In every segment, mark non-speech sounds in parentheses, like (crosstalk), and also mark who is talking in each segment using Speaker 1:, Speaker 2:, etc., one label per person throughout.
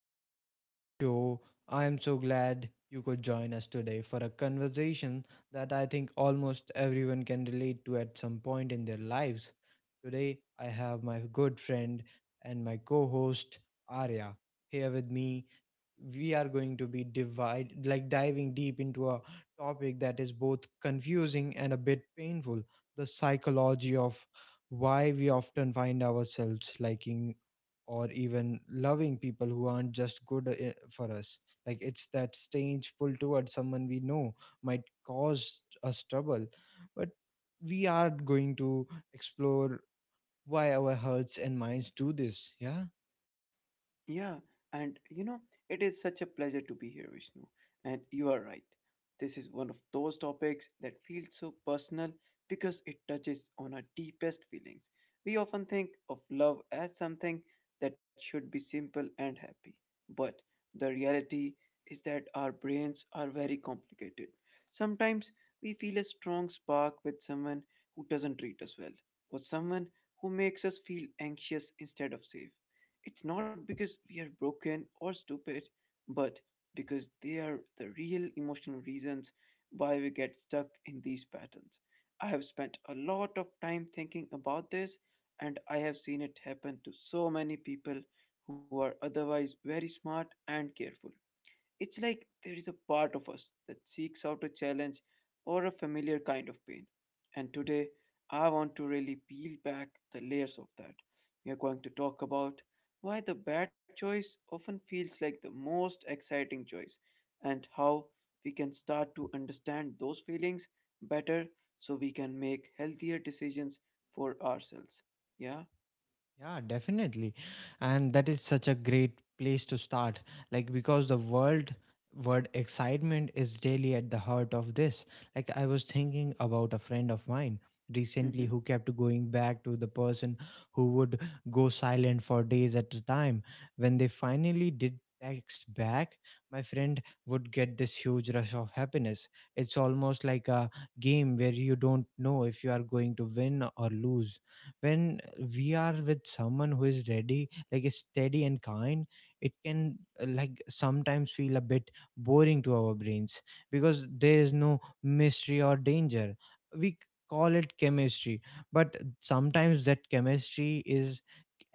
Speaker 1: welcome back to the show. I am so glad you could join us today for a conversation that I think almost everyone can relate to at some point in their lives. Today, I have my good friend and my co host, Arya, here with me. We are going to be divide, like diving deep into a topic that is both confusing and a bit painful, the psychology of why we often find ourselves liking or even loving people who aren't just good for us. Like, it's that strange pull towards someone we know might cause us trouble, but we are going to explore why our hearts and minds do this. Yeah.
Speaker 2: Yeah, and you know, it is such a pleasure to be here, Vishnu. And you are right. This is one of those topics that feels so personal because it touches on our deepest feelings. We often think of love as something that should be simple and happy. But the reality is that our brains are very complicated. Sometimes we feel a strong spark with someone who doesn't treat us well, or someone who makes us feel anxious instead of safe. It's not because we are broken or stupid, but because they are the real emotional reasons why we get stuck in these patterns. I have spent a lot of time thinking about this, and I have seen it happen to so many people who are otherwise very smart and careful. It's like there is a part of us that seeks out a challenge or a familiar kind of pain. And today, I want to really peel back the layers of that. We are going to talk about why the bad choice often feels like the most exciting choice, and how we can start to understand those feelings better so we can make healthier decisions for ourselves. Yeah?
Speaker 1: Yeah, definitely. And that is such a great place to start. Like, because the world word excitement is really at the heart of this. Like, I was thinking about a friend of mine
Speaker 2: Mm
Speaker 1: recently
Speaker 2: hmm.
Speaker 1: who kept going back to the person who would go silent for days at a time. When they finally did text back, my friend would get this huge rush of happiness. It's almost like a game where you don't know if you are going to win or lose. When we are with someone who is ready like is steady and kind, it can like sometimes feel a bit boring to our brains, because there is no mystery or danger. We call it chemistry, but sometimes that chemistry is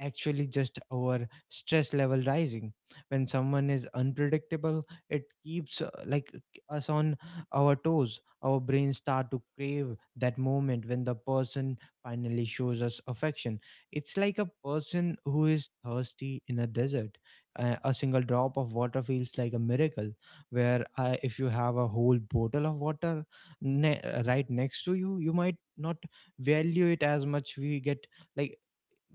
Speaker 1: actually just our stress level rising. When someone is unpredictable, it keeps like us on our toes. Our brains start to crave that moment when the person finally shows us affection. It's like a person who is thirsty in a desert. A single drop of water feels like a miracle. Where, if you have a whole bottle of water right next to you, you might not value it as much. Like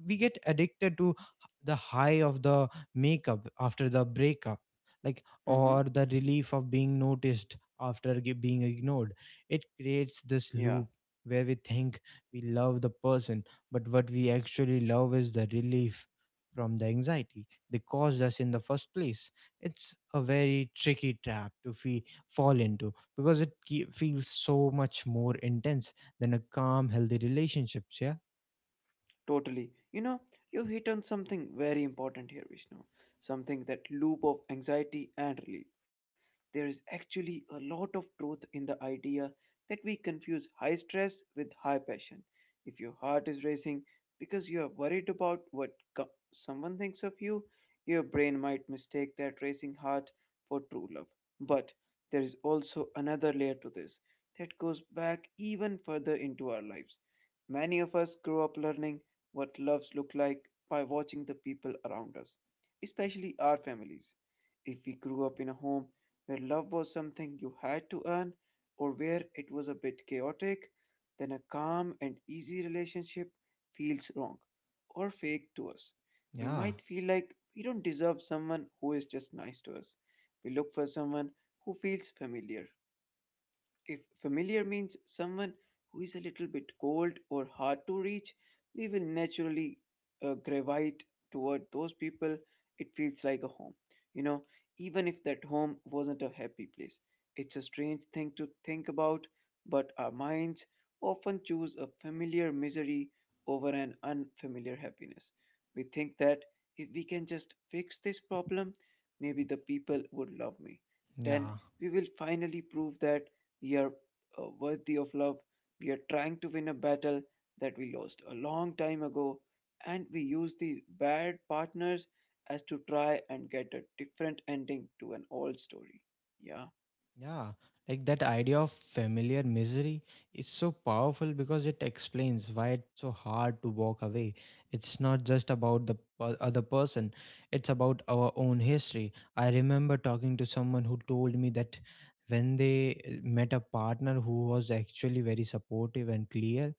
Speaker 1: we get addicted to the high of the makeup after the breakup, like,
Speaker 2: Mm hmm.
Speaker 1: or the relief of being noticed after being ignored. It creates this
Speaker 2: Yeah.
Speaker 1: loop where we think we love the person, but what we actually love is the relief from the anxiety they caused us in the first place. It's a very tricky trap to fall into because it feels so much more intense than a calm, healthy relationships. Yeah,
Speaker 2: Totally. You know, you hit on something very important here, Vishnu. Something that loop of anxiety and relief. There is actually a lot of truth in the idea that we confuse high stress with high passion. If your heart is racing because you are worried about what someone thinks of you, your brain might mistake that racing heart for true love. But there is also another layer to this that goes back even further into our lives. Many of us grow up learning what loves look like by watching the people around us, especially our families. If we grew up in a home where love was something you had to earn or where it was a bit chaotic, then a calm and easy relationship feels wrong or fake to us. We
Speaker 1: yeah,
Speaker 2: might feel like we don't deserve someone who is just nice to us. We look for someone who feels familiar. If familiar means someone who is a little bit cold or hard to reach, we will naturally gravitate toward those people. It feels like a home, you know, even if that home wasn't a happy place. It's a strange thing to think about, but our minds often choose a familiar misery over an unfamiliar happiness. We think that if we can just fix this problem, maybe the people would love me. Then
Speaker 1: yeah.
Speaker 2: we will finally prove that we are worthy of love. We are trying to win a battle that we lost a long time ago, and we use these bad partners as to try and get a different ending to an old story. Yeah.
Speaker 1: Yeah, like that idea of familiar misery is so powerful because it explains why it's so hard to walk away. It's not just about the other person, it's about our own history. I remember talking to someone who told me that when they met a partner who was actually very supportive and clear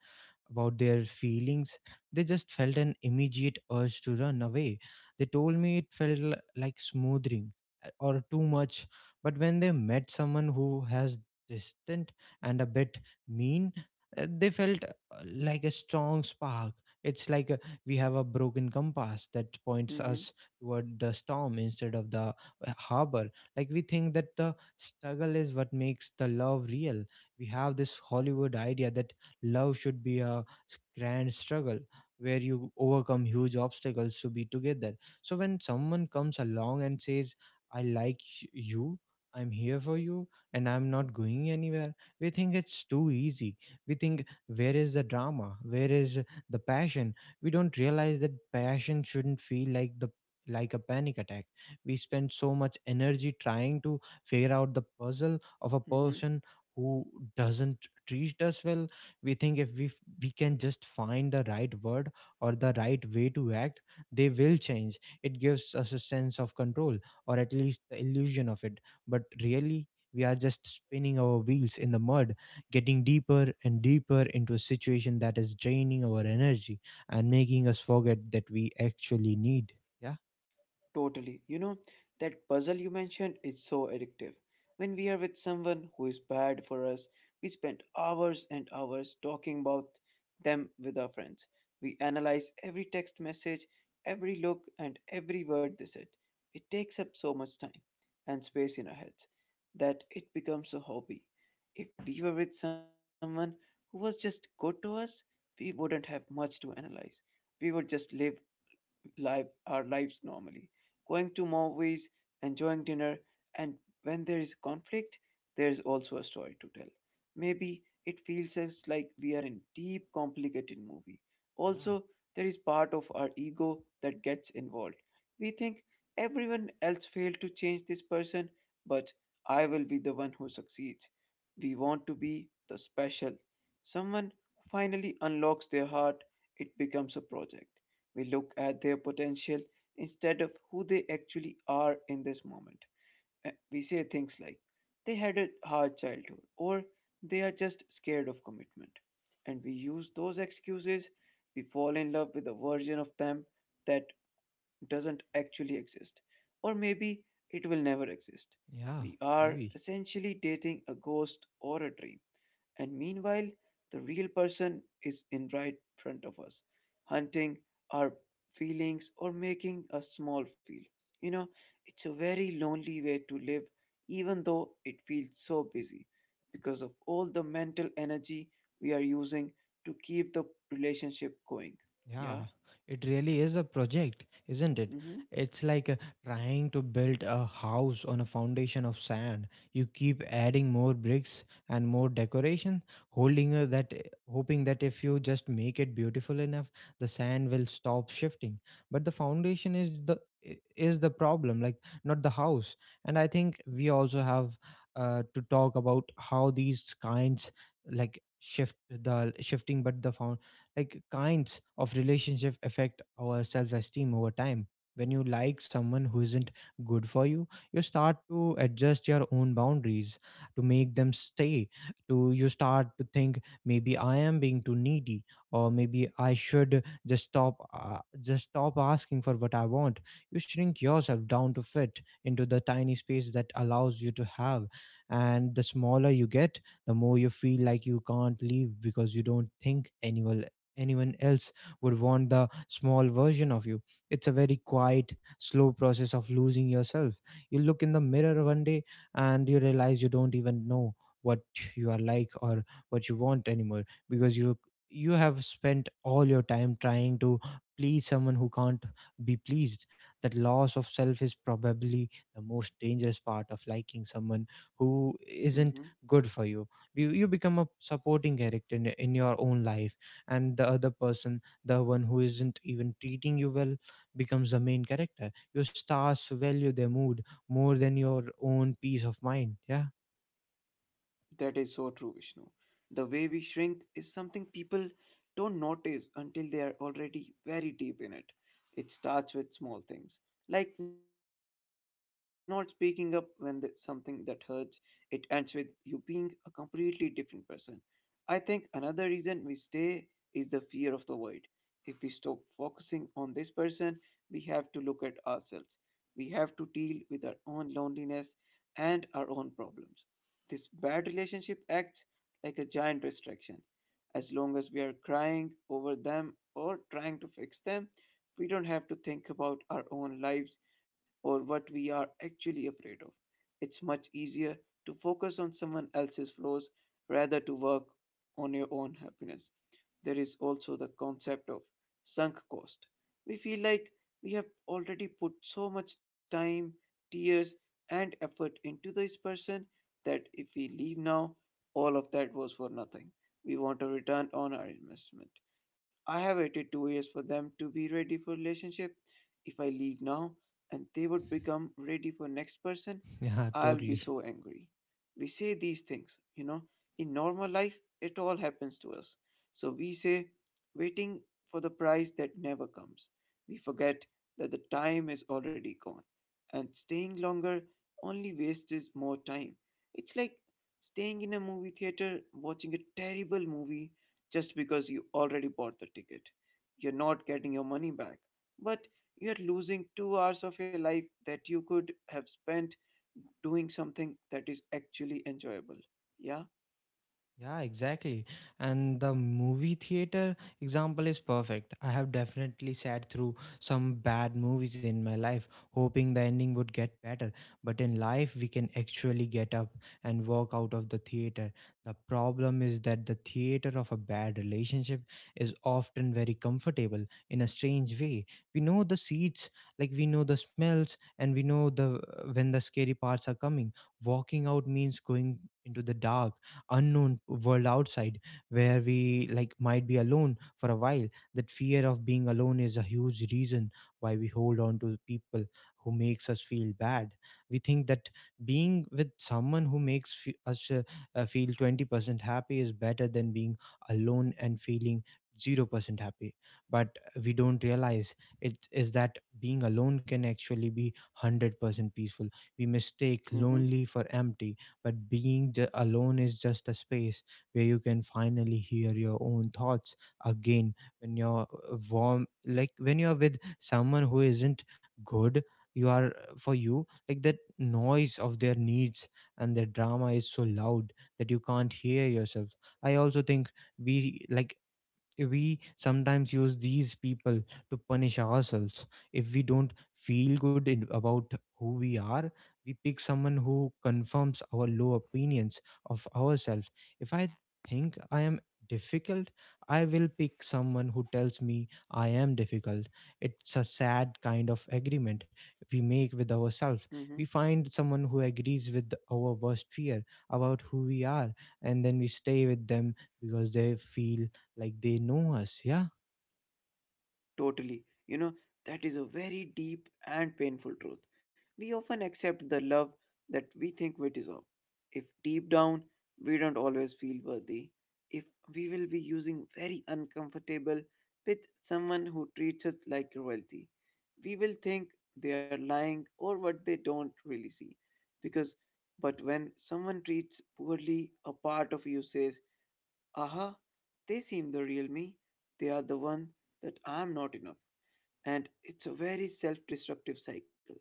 Speaker 1: about their feelings. They just felt an immediate urge to run away. They told me it felt like smoothing, or too much. But when they met someone who has distant and a bit mean, they felt like a strong spark. It's like we have a broken compass that points
Speaker 2: Mm-hmm.
Speaker 1: us toward the storm instead of the harbor. Like, we think that the struggle is what makes the love real. We have this Hollywood idea that love should be a grand struggle where you overcome huge obstacles to be together. So when someone comes along and says, I like you, I'm here for you, and I'm not going anywhere, we think it's too easy. We think, where is the drama? Where is the passion? We don't realize that passion shouldn't feel like the like a panic attack. We spend so much energy trying to figure out the puzzle of a
Speaker 2: Mm-hmm.
Speaker 1: person who doesn't treat us well. We think if we can just find the right word or the right way to act, they will change. It gives us a sense of control, or at least the illusion of it, but really, we are just spinning our wheels in the mud, getting deeper and deeper into a situation that is draining our energy and making us forget that we actually need. Yeah.
Speaker 2: Totally. You know, that puzzle you mentioned is so addictive. When we are with someone who is bad for us, we spend hours and hours talking about them with our friends. We analyze every text message, every look, and every word they said. It takes up so much time and space in our heads that it becomes a hobby. If we were with someone who was just good to us, we wouldn't have much to analyze. We would just live our lives normally. Going to movies, enjoying dinner, and when there is conflict, there is also a story to tell. Maybe it feels us like we are in deep, complicated movie.
Speaker 1: Yeah.
Speaker 2: Also, there is part of our ego that gets involved. We think everyone else failed to change this person, but I will be the one who succeeds. We want to be the special. Someone who finally unlocks their heart, it becomes a project. We look at their potential instead of who they actually are in this moment. We say things like, they had a hard childhood, or they are just scared of commitment. And we use those excuses, we fall in love with a version of them that doesn't actually exist, or maybe it will never exist.
Speaker 1: Yeah,
Speaker 2: We are
Speaker 1: maybe.
Speaker 2: essentially dating a ghost or a dream. And meanwhile, the real person is in right front of us, hunting our feelings or making a small feel. You know, it's a very lonely way to live, even though it feels so busy because of all the mental energy we are using to keep the relationship going.
Speaker 1: Yeah,
Speaker 2: Yeah.
Speaker 1: it really is a project, isn't it?
Speaker 2: Mm-hmm.
Speaker 1: It's like trying to build a house on a foundation of sand. You keep adding more bricks and more decoration, holding uh, that eh, hoping that if you just make it beautiful enough, the sand will stop shifting. But the foundation is is the problem, like, not the house. And I think we also have to talk about how these kinds like shift the shifting but the found like kinds of relationship affect our self-esteem over time. When you like someone who isn't good for you, you start to adjust your own boundaries to make them stay. To You start to think, maybe I am being too needy, or maybe I should just stop asking for what I want. You shrink yourself down to fit into the tiny space that allows you to have, and the smaller you get, the more you feel like you can't leave, because you don't think anyone else would want the small version of you. It's a very quiet, slow process of losing yourself. You look in the mirror one day and you realize you don't even know what you are like or what you want anymore, because you have spent all your time trying to please someone who can't be pleased. That loss of self is probably the most dangerous part of liking someone who isn't
Speaker 2: Mm-hmm.
Speaker 1: good for you. You become a supporting character in your own life, and the other person, the one who isn't even treating you well, becomes the main character. Your stars value their mood more than your own peace of mind. Yeah.
Speaker 2: That is so true, Vishnu. The way we shrink is something people don't notice until they are already very deep in it. It starts with small things, like not speaking up when something that hurts. It ends with you being a completely different person. I think another reason we stay is the fear of the void. If we stop focusing on this person, we have to look at ourselves. We have to deal with our own loneliness and our own problems. This bad relationship acts like a giant distraction. As long as we are crying over them or trying to fix them, we don't have to think about our own lives or what we are actually afraid of. It's much easier to focus on someone else's flaws rather to work on your own happiness. There is also the concept of sunk cost. We feel like we have already put so much time, tears, and effort into this person that if we leave now, all of that was for nothing. We want a return on our investment. I have waited 2 years for them to be ready for relationship. If I leave now and they would become ready for next person,
Speaker 1: (laughs) yeah,
Speaker 2: I'll be
Speaker 1: totally.
Speaker 2: so angry. We say these things, you know, in normal life, it all happens to us. So we say, waiting for the price that never comes. We forget that the time is already gone, and staying longer only wastes more time. It's like staying in a movie theater watching a terrible movie just because you already bought the ticket. You're not getting your money back, but you're losing 2 hours of your life that you could have spent doing something that is actually enjoyable. Yeah?
Speaker 1: Yeah, exactly. And the movie theater example is perfect. I have definitely sat through some bad movies in my life, hoping the ending would get better. But in life, we can actually get up and walk out of the theater. The problem is that the theater of a bad relationship is often very comfortable in a strange way. We know the seats, like we know the smells, and we know the when the scary parts are coming. Walking out means going into the dark unknown world outside where we like might be alone for a while. That fear of being alone is a huge reason why we hold on to people who makes us feel bad. We think that being with someone who makes fe- us feel 20% happy is better than being alone and feeling 0% happy. But we don't realize it is that being alone can actually be 100% peaceful. We mistake
Speaker 2: Mm
Speaker 1: lonely for empty, but alone is just a space where you can finally hear your own thoughts again. When you're warm like when you're with someone who isn't good you are for you, like, that noise of their needs and their drama is so loud that you can't hear yourself. I also think we like we sometimes use these people to punish ourselves. If we don't feel good in, about who we are, we pick someone who confirms our low opinions of ourselves. If I think I am difficult, I will pick someone who tells me I am difficult. It's a sad kind of agreement we make with ourselves.
Speaker 2: hmm.
Speaker 1: We find someone who agrees with our worst fear about who we are, and then we stay with them because they feel like they know us. Yeah.
Speaker 2: Totally. You know, that is a very deep and painful truth. We often accept the love that we think we deserve. If deep down we don't always feel worthy, if we will be using very uncomfortable with someone who treats us like royalty, we will think they are lying or what they don't really see. Because, but when someone treats poorly, a part of you says, aha, they seem the real me, they are the one that I am not enough, and it's a very self-destructive cycle.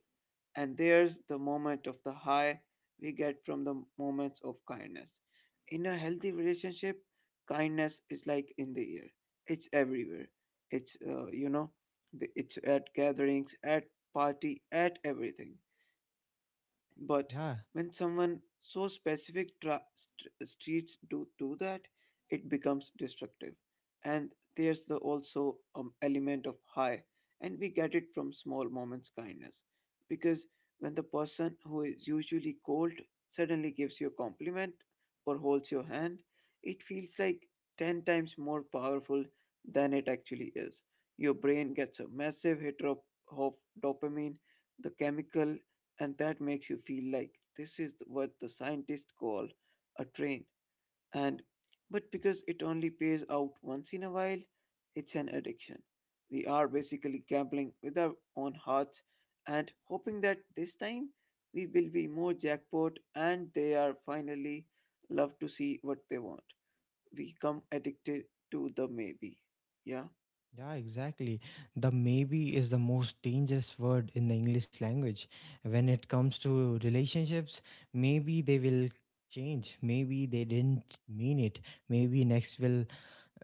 Speaker 2: And there's the moment of the high we get from the moments of kindness in a healthy relationship. Kindness is like in the air, it's everywhere. It's you know, it's at gatherings, at party, at everything. But
Speaker 1: Yeah.
Speaker 2: when someone so specific streets do that, it becomes destructive. And there's the also element of high, and we get it from small moments kindness, because when the person who is usually cold suddenly gives you a compliment or holds your hand, it feels like 10 times more powerful than it actually is. Your brain gets a massive hit of dopamine, the chemical, and that makes you feel like this is what the scientists call a train. And but because it only pays out once in a while, it's an addiction. We are basically gambling with our own hearts and hoping that this time we will be more jackpot and they are finally love to see what they want. We come addicted to the maybe. Yeah.
Speaker 1: Yeah, exactly. The maybe is the most dangerous word in the English language when it comes to relationships. Maybe they will change. Maybe they didn't mean it. Maybe next will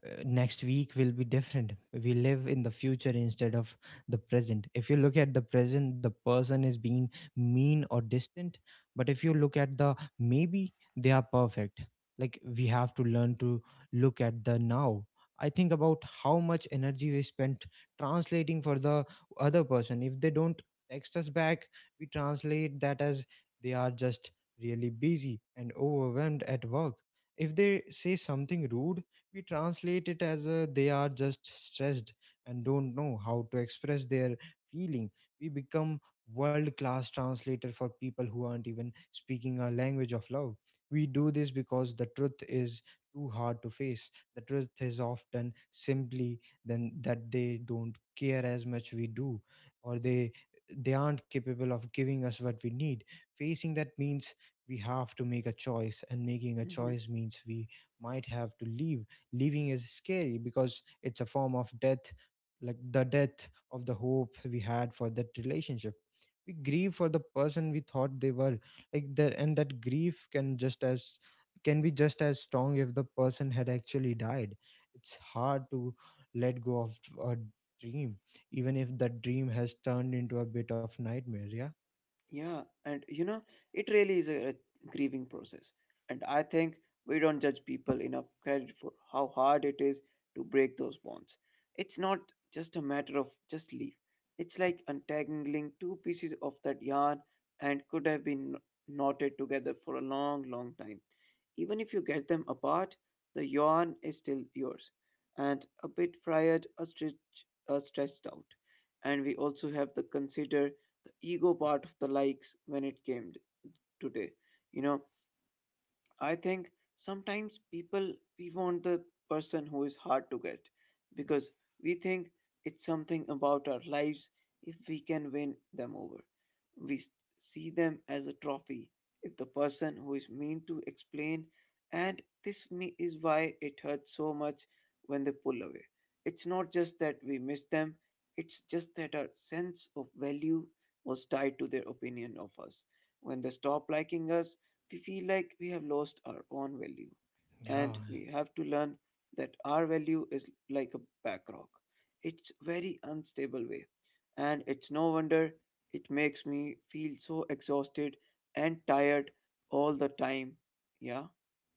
Speaker 1: uh, next week will be different. We live in the future instead of the present. If you look at the present, the person is being mean or distant. But if you look at the maybe, they are perfect. Like, we have to learn to look at the now. I think about how much energy we spent translating for the other person. If they don't text us back, we translate that as they are just really busy and overwhelmed at work. If they say something rude, we translate it as they are just stressed and don't know how to express their feeling. We become world class translator for people who aren't even speaking our language of love. We do this because the truth is too hard to face. The truth is often simply then that they don't care as much we do, or they aren't capable of giving us what we need. Facing that means we have to make a choice, and making a
Speaker 2: Mhm.
Speaker 1: choice means we might have to leave. Leaving is scary because it's a form of death, like the death of the hope we had for that relationship. We grieve for the person we thought they were. Like the and that grief can just as can be just as strong if the person had actually died. It's hard to let go of a dream, even if the dream has turned into a bit of nightmare. Yeah,
Speaker 2: Yeah, and you know, it really is a grieving process. And I think we don't judge people enough credit for how hard it is to break those bonds. It's not just a matter of just leave. It's like untangling two pieces of that yarn and could have been knotted together for a long, long time. Even if you get them apart, the yarn is still yours, and a bit fried, a stretched out. And we also have to consider the ego part of the likes when it came today. You know, I think sometimes people we want the person who is hard to get because we think it's something about our lives if we can win them over. We see them as a trophy if the person who is mean to explain, and is why it hurts so much when they pull away. It's not just that we miss them, it's just that our sense of value was tied to their opinion of us. When they stop liking us, we feel like we have lost our own value.
Speaker 1: yeah.
Speaker 2: And we have to learn that our value is like a backrock. It's very unstable way. And it's no wonder it makes me feel so exhausted and tired all the time. Yeah.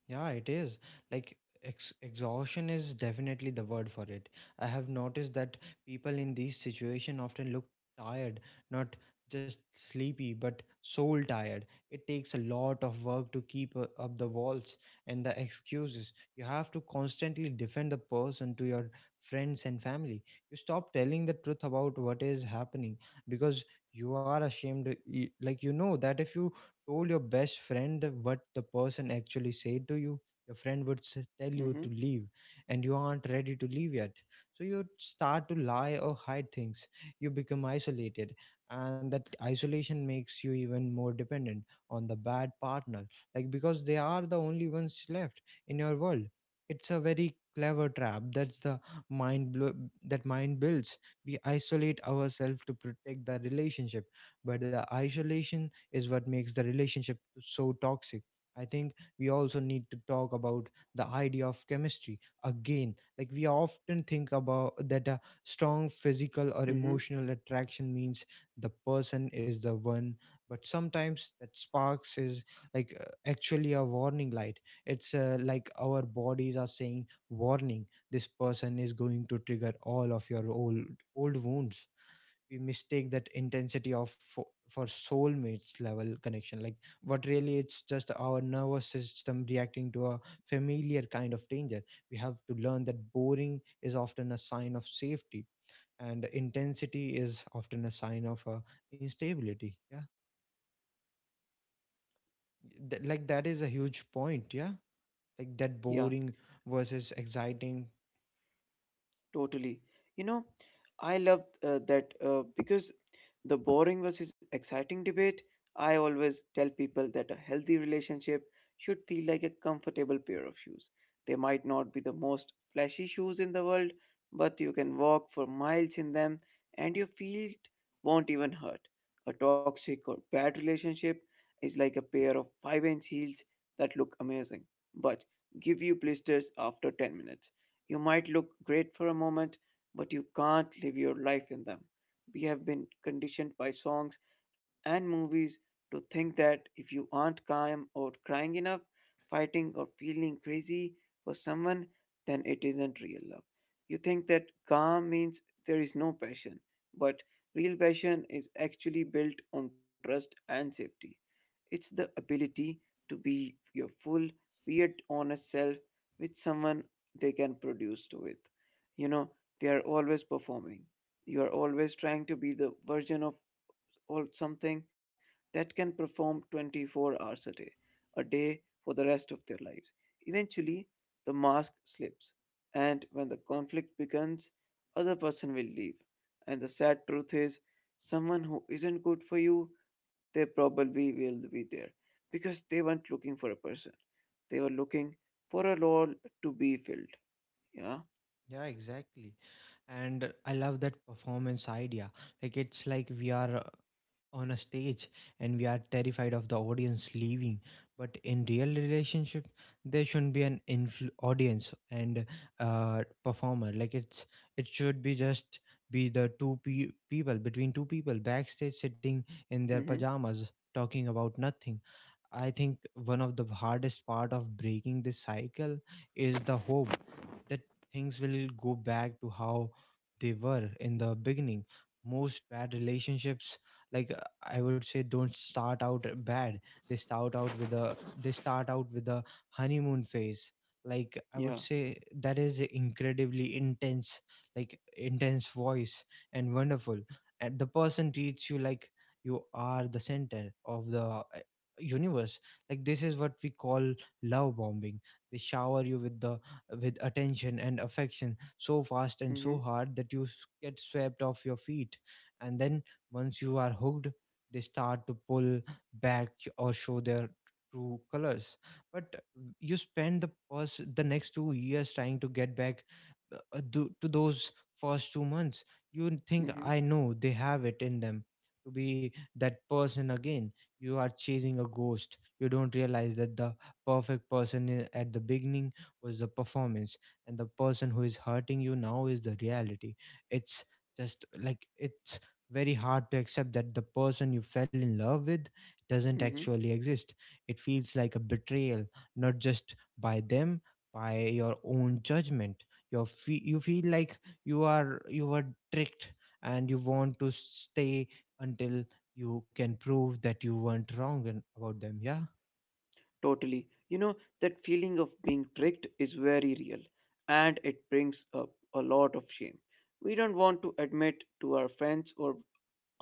Speaker 1: Yeah, it is. Like, exhaustion is definitely the word for it. I have noticed that people in these situations often look tired, not just sleepy, but soul tired. It takes a lot of work to keep up the walls and the excuses. You have to constantly defend the person to your friends and family. You stop telling the truth about what is happening because you are ashamed. Like, you know that if you told your best friend what the person actually said to you, your friend would tell
Speaker 2: Mm-hmm.
Speaker 1: you to leave, and you aren't ready to leave yet. So you start to lie or hide things. You become isolated, and that isolation makes you even more dependent on the bad partner, like because they are the only ones left in your world. It's a very clever trap. That's the mind blo- that mind builds. We isolate ourselves to protect the relationship, but the isolation is what makes the relationship so toxic. I think we also need to talk about the idea of chemistry again. Like, we often think about that a strong physical or
Speaker 2: Mm-hmm.
Speaker 1: emotional attraction means the person is the one, but sometimes that sparks is like actually a warning light. It's like our bodies are saying, "Warning! This person is going to trigger all of your old wounds." We mistake that intensity of for soulmates level connection, like, but really it's just our nervous system reacting to a familiar kind of danger. We have to learn that boring is often a sign of safety, and intensity is often a sign of instability. Yeah. Like, that is a huge point. Yeah, like that
Speaker 2: Yeah,
Speaker 1: boring versus exciting.
Speaker 2: totally. You know, I love that because the boring versus exciting debate, I always tell people that a healthy relationship should feel like a comfortable pair of shoes. They might not be the most flashy shoes in the world, but you can walk for miles in them and your feet won't even hurt. A toxic or bad relationship is like a pair of 5-inch inch heels that look amazing, but give you blisters after 10 minutes. You might look great for a moment, but you can't live your life in them. We have been conditioned by songs and movies to think that if you aren't calm or crying enough, fighting or feeling crazy for someone, then it isn't real love. You think that calm means there is no passion, but real passion is actually built on trust and safety. It's the ability to be your full, weird, honest self with someone they can produce to with. You know, they are always performing, you're always trying to be the version of all something that can perform 24 hours a day for the rest of their lives. Eventually the mask slips, and when the conflict begins, other person will leave. And the sad truth is, someone who isn't good for you, they probably will be there because they weren't looking for a person, they were looking for a role to be filled. Yeah.
Speaker 1: Yeah, exactly. And I love that performance idea. Like, it's like we are on a stage, and we are terrified of the audience leaving. But in real relationship, there shouldn't be an audience and performer. Like, it should be just be the two pe- people between two people backstage sitting in their
Speaker 2: Mm-hmm.
Speaker 1: pajamas talking about nothing. I think one of the hardest part of breaking this cycle is the hope that things will go back to how they were in the beginning. Most bad relationships, like I would say, don't start out bad. They start out with a honeymoon phase. Like, I would
Speaker 2: Yeah.
Speaker 1: say, that is incredibly intense, like intense voice and wonderful. And the person treats you like you are the center of the universe. Like, this is what we call love bombing. They shower you with the with attention and affection so fast and
Speaker 2: Mm-hmm.
Speaker 1: so hard that you get swept off your feet. And then once you are hooked, they start to pull back or show their true colors. But you spend the next 2 years trying to get back to those first 2 months. You think,
Speaker 2: Mm-hmm.
Speaker 1: I know they have it in them to be that person again. You are chasing a ghost. You don't realize that the perfect person at the beginning was the performance, and the person who is hurting you now is the reality. It's just like, it's very hard to accept that the person you fell in love with doesn't
Speaker 2: Mm-hmm.
Speaker 1: actually exist. It feels like a betrayal, not just by them, by your own judgment. You feel like you were tricked, and you want to stay until you can prove that you weren't wrong and about them. Yeah.
Speaker 2: Totally. You know, that feeling of being tricked is very real and it brings up a lot of shame. We don't want to admit to our friends or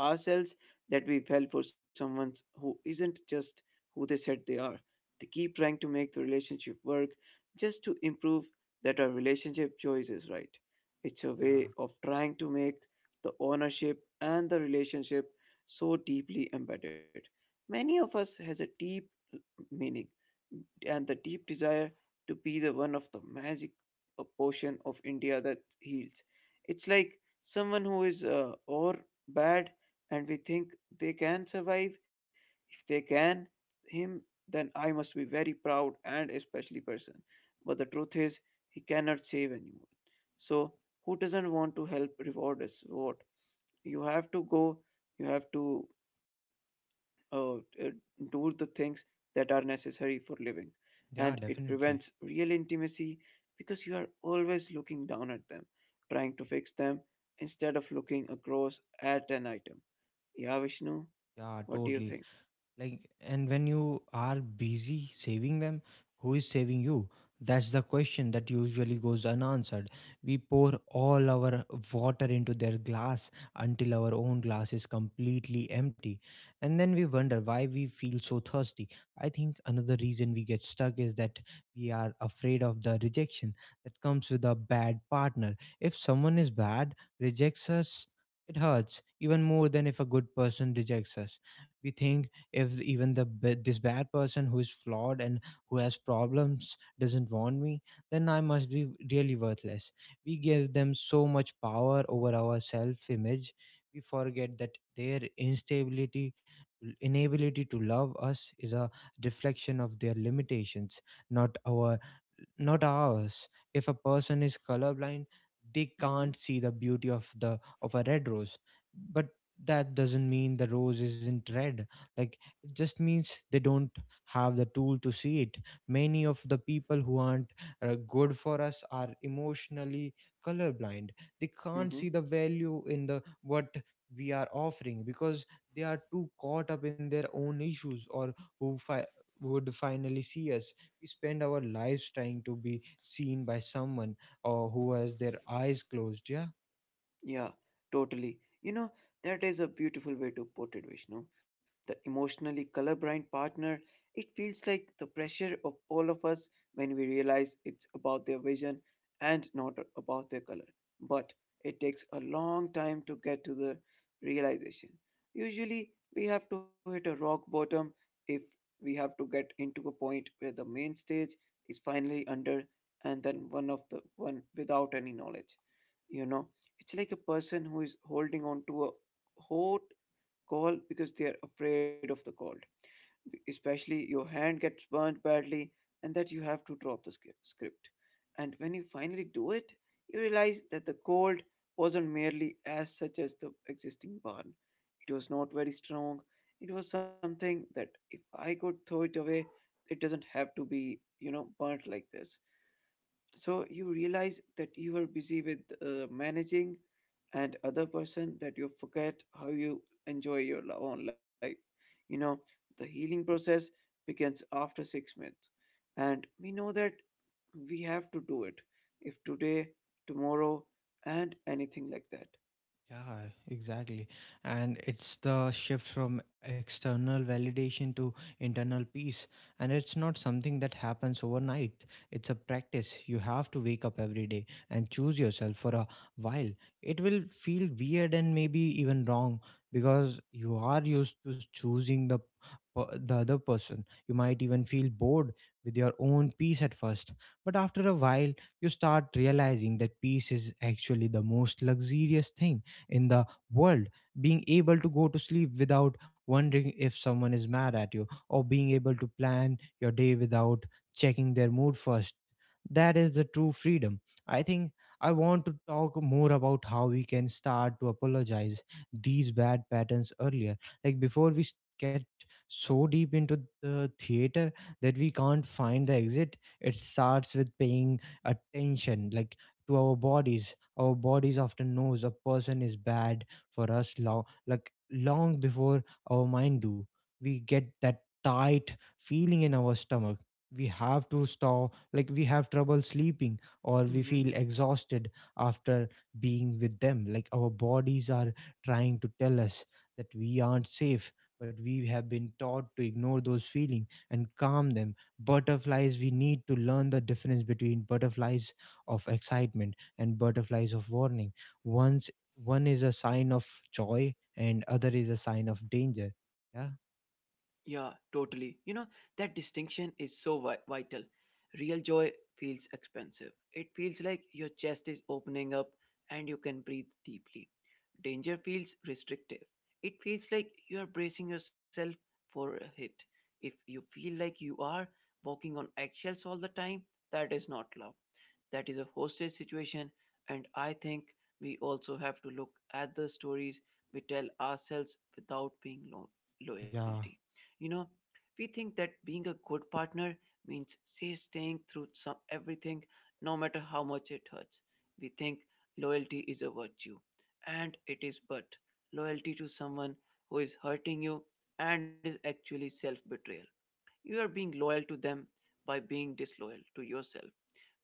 Speaker 2: ourselves that we fell for someone who isn't just who they said they are. They keep trying to make the relationship work just to improve that our relationship choice is right. It's a way
Speaker 1: Yeah.
Speaker 2: of trying to make the ownership and the relationship so deeply embedded. Many of us has a deep meaning and the deep desire to be the one of the magic portion of India that heals. It's like someone who is or bad, and we think they can survive. If they can, him, then I must be very proud and a special person. But the truth is, he cannot save anyone. So, who doesn't want to help reward us? What? You have to go, you have to uh, uh, do the things that are necessary for living.
Speaker 1: Yeah,
Speaker 2: And it
Speaker 1: definitely.
Speaker 2: prevents real intimacy because you are always looking down at them, trying to fix them instead of looking across at an item. Yeah, Vishnu,
Speaker 1: Yeah,
Speaker 2: what do you think?
Speaker 1: totally. Like, and when you are busy saving them, who is saving you? That's the question that usually goes unanswered. We pour all our water into their glass until our own glass is completely empty, and then we wonder why we feel so thirsty. I think another reason we get stuck is that we are afraid of the rejection that comes with a bad partner. If someone is bad rejects us, it hurts even more than if a good person rejects us. We think, if even this bad person who is flawed and who has problems doesn't want me, then I must be really worthless. We give them so much power over our self image. We forget that their instability inability to love us is a reflection of their limitations, not our not ours. If a person is colorblind, they
Speaker 2: Mm-hmm.
Speaker 1: can't see the beauty of the of a red rose, but that doesn't mean the rose isn't red. Like, just means they don't have the tool to see it. Many of the people who aren't good for us are emotionally colorblind. They can't
Speaker 2: Mm-hmm.
Speaker 1: see the value in the what we are offering because they are too caught up in their own issues, or who fi- would finally see us. We spend our lives trying to be seen by someone or who has their eyes closed. Yeah.
Speaker 2: Yeah, totally. You know, that is a beautiful way to put it, Vishnu. The emotionally colorblind partner, it feels like the pressure of all of us when we realize it's about their vision and not about their color. But it takes a long time to get to the realization. Usually, we have to hit a rock bottom. If we have to get into a point where the main stage is finally under, and then one of the one without any knowledge, you know, it's like a person who is holding on to a hot coal because they are afraid of the cold. Especially your hand gets burned badly, and that you have to drop the script. And when you finally do it, you realize that the cold wasn't merely as such as the existing burn. It was not very strong. It was something that if I could throw it away, it doesn't have to be, you know, burnt like this. So you realize that you are busy with managing and other person that you forget how you enjoy your own life, you know. The healing process begins after 6 months, and we know that we have to do it, if today, tomorrow, and anything like that.
Speaker 1: Yeah, exactly. And it's the shift from external validation to internal peace. And it's not something that happens overnight, it's a practice. You have to wake up every day and choose yourself for a while. It will feel weird and maybe even wrong because you are used to choosing the other person. You might even feel bored with your own peace at first, but after a while you start realizing that peace is actually the most luxurious thing in the world. Being able to go to sleep without wondering if someone is mad at you, or being able to plan your day without checking their mood first, that is the true freedom. I think I want to talk more about how we can start to apologize these bad patterns earlier, like before we get so deep into the theater that we can't find the exit. It starts with paying attention, like, to our bodies. Our bodies often knows a person is bad for us long, like, long before our mind do. We get that tight feeling in our stomach, we have to stop, like, we have trouble sleeping, or we feel exhausted after being with them. Like, our bodies are trying to tell us that we aren't safe, but we have been taught to ignore those feelings and calm them butterflies. We need to learn the difference between butterflies of excitement and butterflies of warning. Once, one is a sign of joy and other is a sign of danger. Yeah.
Speaker 2: Yeah, totally. You know, that distinction is so vital. Real joy feels expensive. It feels like your chest is opening up and you can breathe deeply. Danger feels restrictive. It feels like you are bracing yourself for a hit. If you feel like you are walking on eggshells all the time, that is not love. That is a hostage situation, and I think we also have to look at the stories we tell ourselves without being loyalty.
Speaker 1: Yeah.
Speaker 2: You know, we think that being a good partner means say staying through some everything, no matter how much it hurts. We think loyalty is a virtue, and it is, but loyalty to someone who is hurting you and is actually self betrayal. You are being loyal to them by being disloyal to yourself.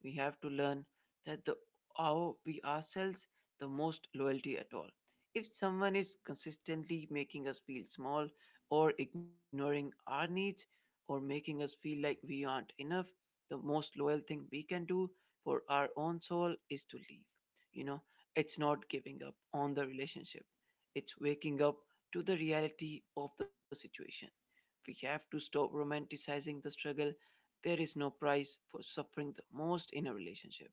Speaker 2: We have to learn that the how we ourselves the most loyalty at all. If someone is consistently making us feel small or ignoring our needs or making us feel like we aren't enough, the most loyal thing we can do for our own soul is to leave. You know, it's not giving up on the relationship, it's waking up to the reality of the situation. We have to stop romanticizing the struggle. There is no price for suffering the most in a relationship.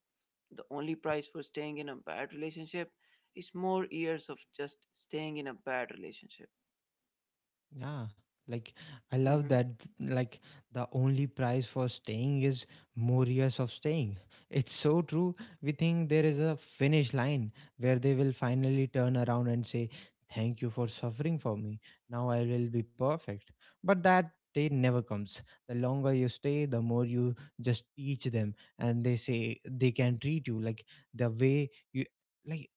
Speaker 2: The only price for staying in a bad relationship is more years of just staying in a bad relationship.
Speaker 1: Yeah, like I
Speaker 2: Mhm.
Speaker 1: love that. Like, the only price for staying is more years of staying. It's so true. We think there is a finish line where they will finally turn around and say, Thank you for suffering for me. Now I will be perfect. But that day never comes. The longer you stay, the more you just teach them, and they say they can treat you like the way you, like,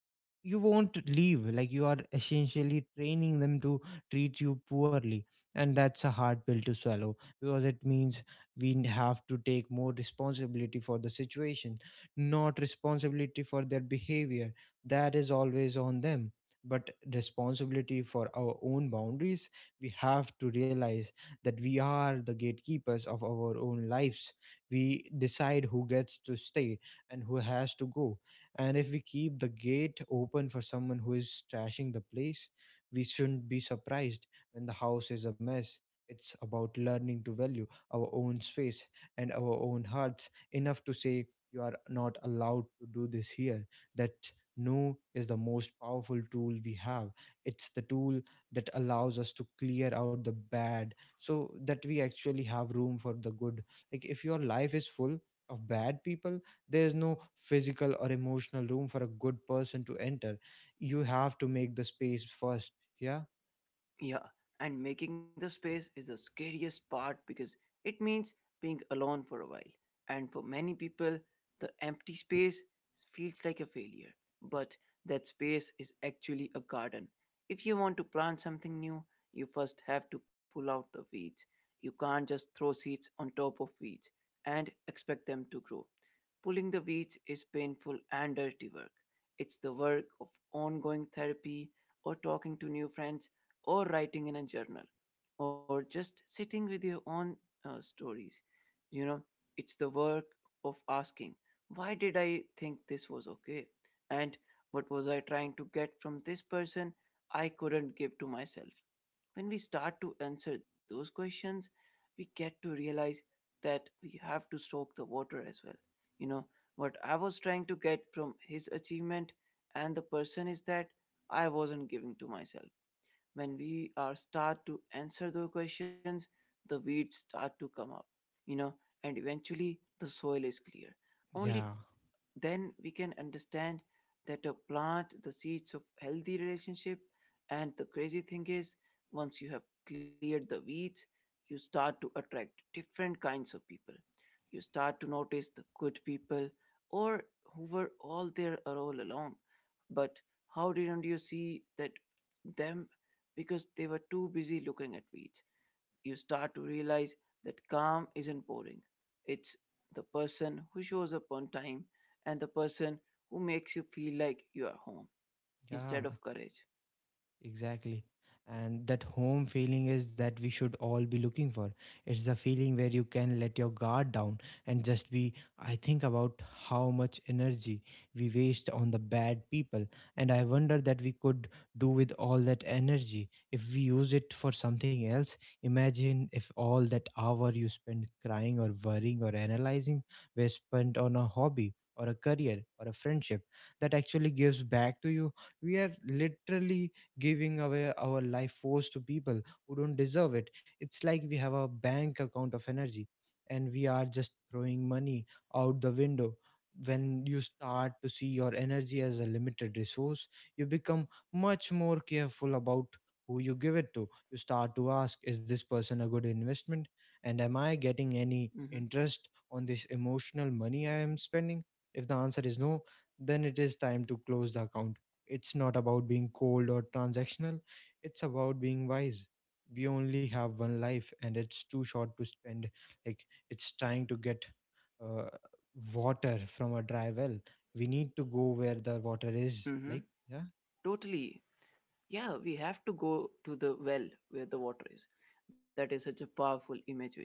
Speaker 1: you won't leave. Like, you are essentially training them to treat you poorly, and that's a hard pill to swallow because it means we have to take more responsibility for the situation. Not responsibility for their behavior, that is always on them, but responsibility for our own boundaries. We have to realize that we are the gatekeepers of our own lives. We decide who gets to stay and who has to go. And if we keep the gate open for someone who is trashing the place, we shouldn't be surprised when the house is a mess. It's about learning to value our own space and our own hearts enough to say, You are not allowed to do this here. That no is the most powerful tool we have. It's the tool that allows us to clear out the bad so that we actually have room for the good. Like, if your life is full of bad people, there's no physical or emotional room for a good person to enter. You have to make the space first. Yeah.
Speaker 2: Yeah, and making the space is the scariest part because it means being alone for a while. And for many people, the empty space feels like a failure. But that space is actually a garden. If you want to plant something new, you first have to pull out the weeds. You can't just throw seeds on top of weeds and expect them to grow. Pulling the weeds is painful and dirty work. It's the work of ongoing therapy or talking to new friends or writing in a journal or just sitting with your own stories. You know, it's the work of asking, why did I think this was okay? And what was I trying to get from this person I couldn't give to myself? When we start to answer those questions, we get to realize that we have to soak the water as well. You know, what I was trying to get from his achievement and the person is that I wasn't giving to myself. When we are start to answer those questions, the weeds start to come up, you know, and eventually the soil is clear. Only
Speaker 1: Yeah,
Speaker 2: then we can understand that a plant the seeds of healthy relationship. And the crazy thing is, once you have cleared the weeds, you start to attract different kinds of people. You start to notice the good people, or who were all there all along, but how didn't you see that them, because they were too busy looking at weeds. You start to realize that calm isn't boring. It's the person who shows up on time and the person who makes you feel like you are home instead
Speaker 1: yeah.
Speaker 2: of courage.
Speaker 1: Exactly. And that home feeling is that we should all be looking for. It's the feeling where you can let your guard down and just be. I think about how much energy we waste on the bad people. And I wonder that we could do with all that energy if we use it for something else. Imagine if all that hour you spend crying or worrying or analyzing were spent on a hobby or a career or a friendship that actually gives back to you. We are literally giving away our life force to people who don't deserve it. It's like we have a bank account of energy, and we are just throwing money out the window. When you start to see your energy as a limited resource, you become much more careful about who you give it to. You start to ask, is this person a good investment? And am I getting any
Speaker 2: Mm-hmm.
Speaker 1: interest on this emotional money I am spending? If the answer is no, then it is time to close the account. It's not about being cold or transactional, it's about being wise. We only have one life, and it's too short to spend like it's trying to get uh, water from a dry well. We need to go where the water is.
Speaker 2: Mm-hmm.
Speaker 1: Like, yeah.
Speaker 2: Totally. Yeah, we have to go to the well where the water is. That is such a powerful image, Vishnu.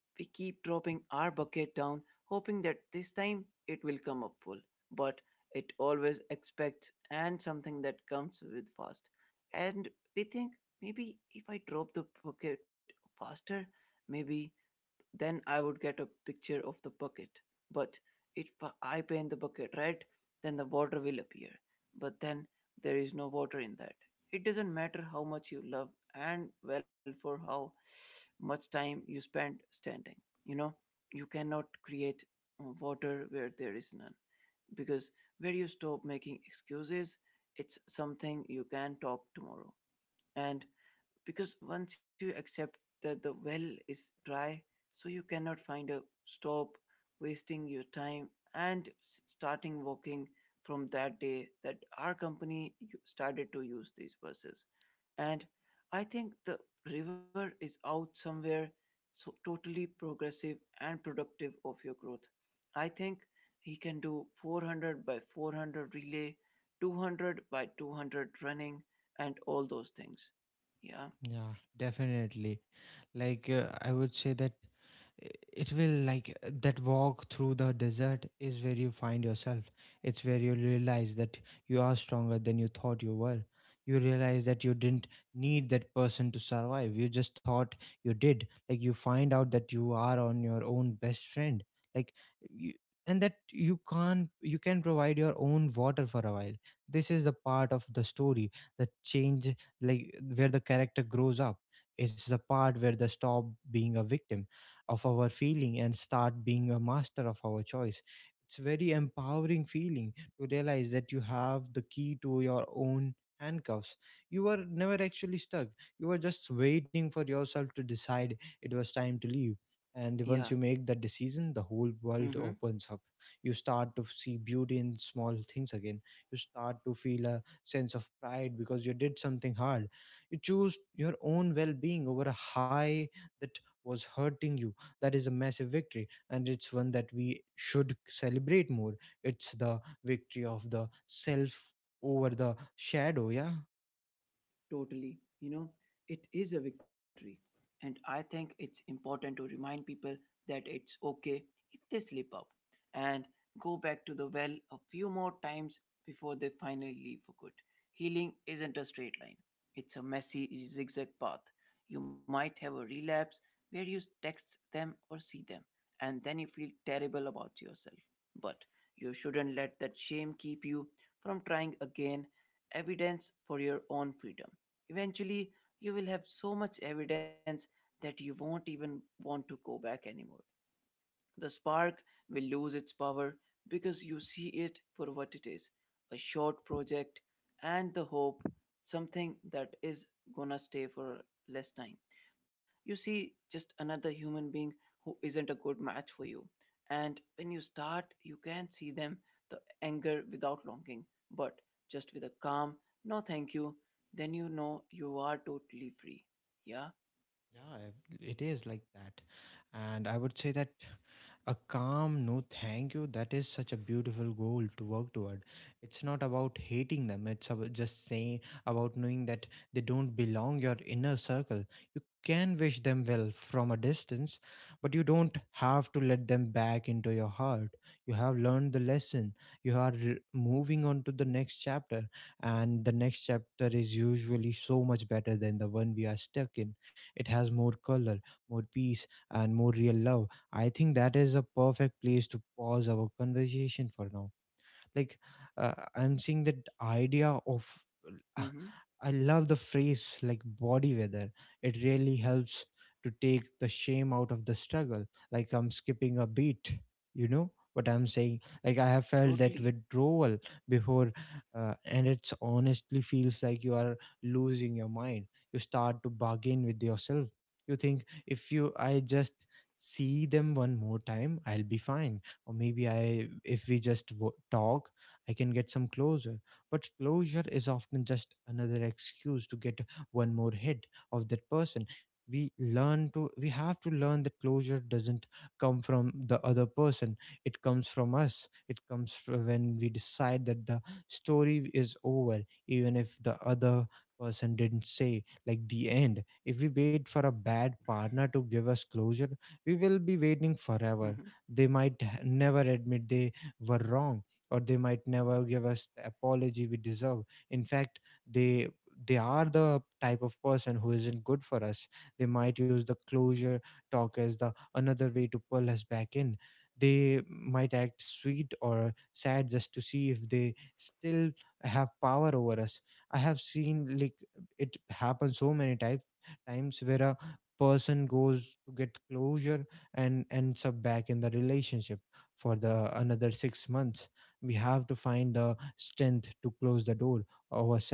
Speaker 2: We keep dropping our bucket down, hoping that this time it will come up full. But it always expects and something that comes with fast. And we think, maybe if I drop the bucket faster, maybe then I would get a picture of the bucket. But if I paint the bucket red, then the water will appear. But then there is no water in that. It doesn't matter how much you love and well for how much time you spend standing. You know, you cannot create water where there is none. Because where you stop making excuses, it's something you can talk tomorrow. And because once you accept that the well is dry, so you cannot find a stop wasting your time, and starting walking from that day that our company started to use these buses. And I think the river is out somewhere, so totally progressive and productive of your growth. I think he can do 400 by 400 relay, 200 by 200 running, and all those things. Yeah.
Speaker 1: Yeah, definitely. I would say that i- it will that walk through the desert is where you find yourself. It's where you realize that you are stronger than you thought you were. You realize that you didn't need that person to survive. You just thought you did. Like you find out that you are on your own best friend. Like you, and that you can't you can provide your own water for a while. This is the part of the story that changes, like where the character grows up. It's the part where they stop being a victim of our feeling and start being a master of our choice. It's very empowering feeling to realize that you have the key to your own handcuffs. You were never actually stuck, you were just waiting for yourself to decide it was time to leave. And once
Speaker 2: Yeah.
Speaker 1: you make that decision, the whole world
Speaker 2: Mhm.
Speaker 1: opens up. You start to see beauty in small things again. You start to feel a sense of pride because you did something hard. You choose your own well being over a high that was hurting you. That is a massive victory, and it's one that we should celebrate more. It's the victory of the self over the shadow. Yeah.
Speaker 2: Totally. You know, it is a victory. And I think it's important to remind people that it's okay if they slip up and go back to the well a few more times before they finally leave for good. Healing isn't a straight line, it's a messy zigzag path. You might have a relapse where you text them or see them, and then you feel terrible about yourself. But you shouldn't let that shame keep you from trying again evidence for your own freedom. Eventually, you will have so much evidence that you won't even want to go back anymore. The spark will lose its power because you see it for what it is, a short project and the hope, something that is gonna stay for less time. You see just another human being who isn't a good match for you. And when you start, you can see them the anger without longing, but just with a calm, no thank you, then you know you are totally free. Yeah?
Speaker 1: Yeah, it is like that. And I would say that a calm no thank you, that is such a beautiful goal to work toward. It's not about hating them, it's about just saying, about knowing that they don't belong your inner circle. You can wish them well from a distance, but you don't have to let them back into your heart. You have learned the lesson. Moving on to the next chapter, and the next chapter is usually so much better than the one we are stuck in. It has more color, more peace, and more real love. I think that is a perfect place to pause our conversation for now. like I'm seeing that idea of uh,
Speaker 2: Mm hmm.
Speaker 1: I love the phrase like body weather. It really helps to take the shame out of the struggle, like I'm skipping a beat. You know what I'm saying, like I have felt that
Speaker 2: Totally.
Speaker 1: withdrawal before. And it's honestly feels like you are losing your mind. You start to bargain with yourself. You think if you I just see them one more time I'll be fine. Or maybe I if we just talk I can get some closure. But closure is often just another excuse to get one more hit of that person. We have to learn that closure doesn't come from the other person. It comes from us. It comes from when we decide that the story is over, even if the other person didn't say like the end. If we wait for a bad partner to give us closure, we will be waiting
Speaker 2: Mm
Speaker 1: forever.
Speaker 2: hmm.
Speaker 1: They might never admit they were wrong, or they might never give us the apology we deserve. In fact, they they are the type of person who isn't good for us. They might use the closure talk as the another way to pull us back in. They might act sweet or sad just to see if they still have power over us. I have seen like it happen so many times. Times where a person goes to get closure and ends up back in the relationship for the another 6 months. We have to find the strength to close the door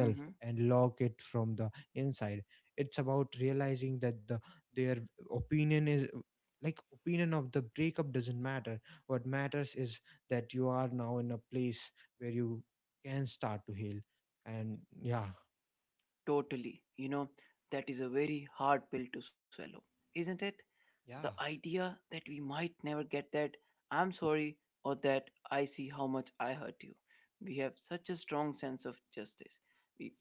Speaker 2: Mm hmm.
Speaker 1: and lock it from the inside. It's about realizing that their opinion is like opinion of the breakup doesn't matter. What matters is that you are now in a place where you can start to heal. And yeah.
Speaker 2: Totally. You know, that is a very hard pill to swallow, isn't it? The
Speaker 1: Yeah,
Speaker 2: idea that we might never get that I'm sorry or that I see how much I hurt you. We have such a strong sense of justice. We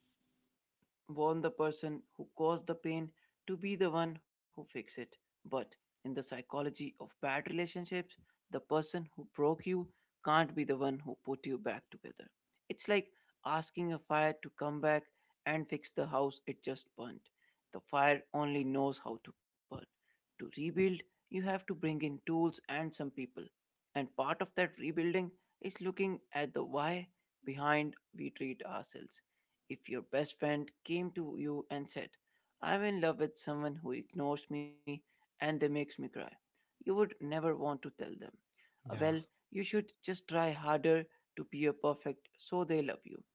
Speaker 2: want the person who caused the pain to be the one who fix it. But in the psychology of bad relationships, the person who broke you can't be the one who put you back together. It's like asking a fire to come back and fix the house it just burnt. The fire only knows how to burn. To rebuild, you have to bring in tools and some people. And part of that rebuilding is looking at the why behind we treat ourselves if your best friend came to you and said, I'm in love with someone who ignores me and they makes me cry, you would never want to tell them. "Well,
Speaker 1: yeah.
Speaker 2: you should just try harder to be a perfect so they love you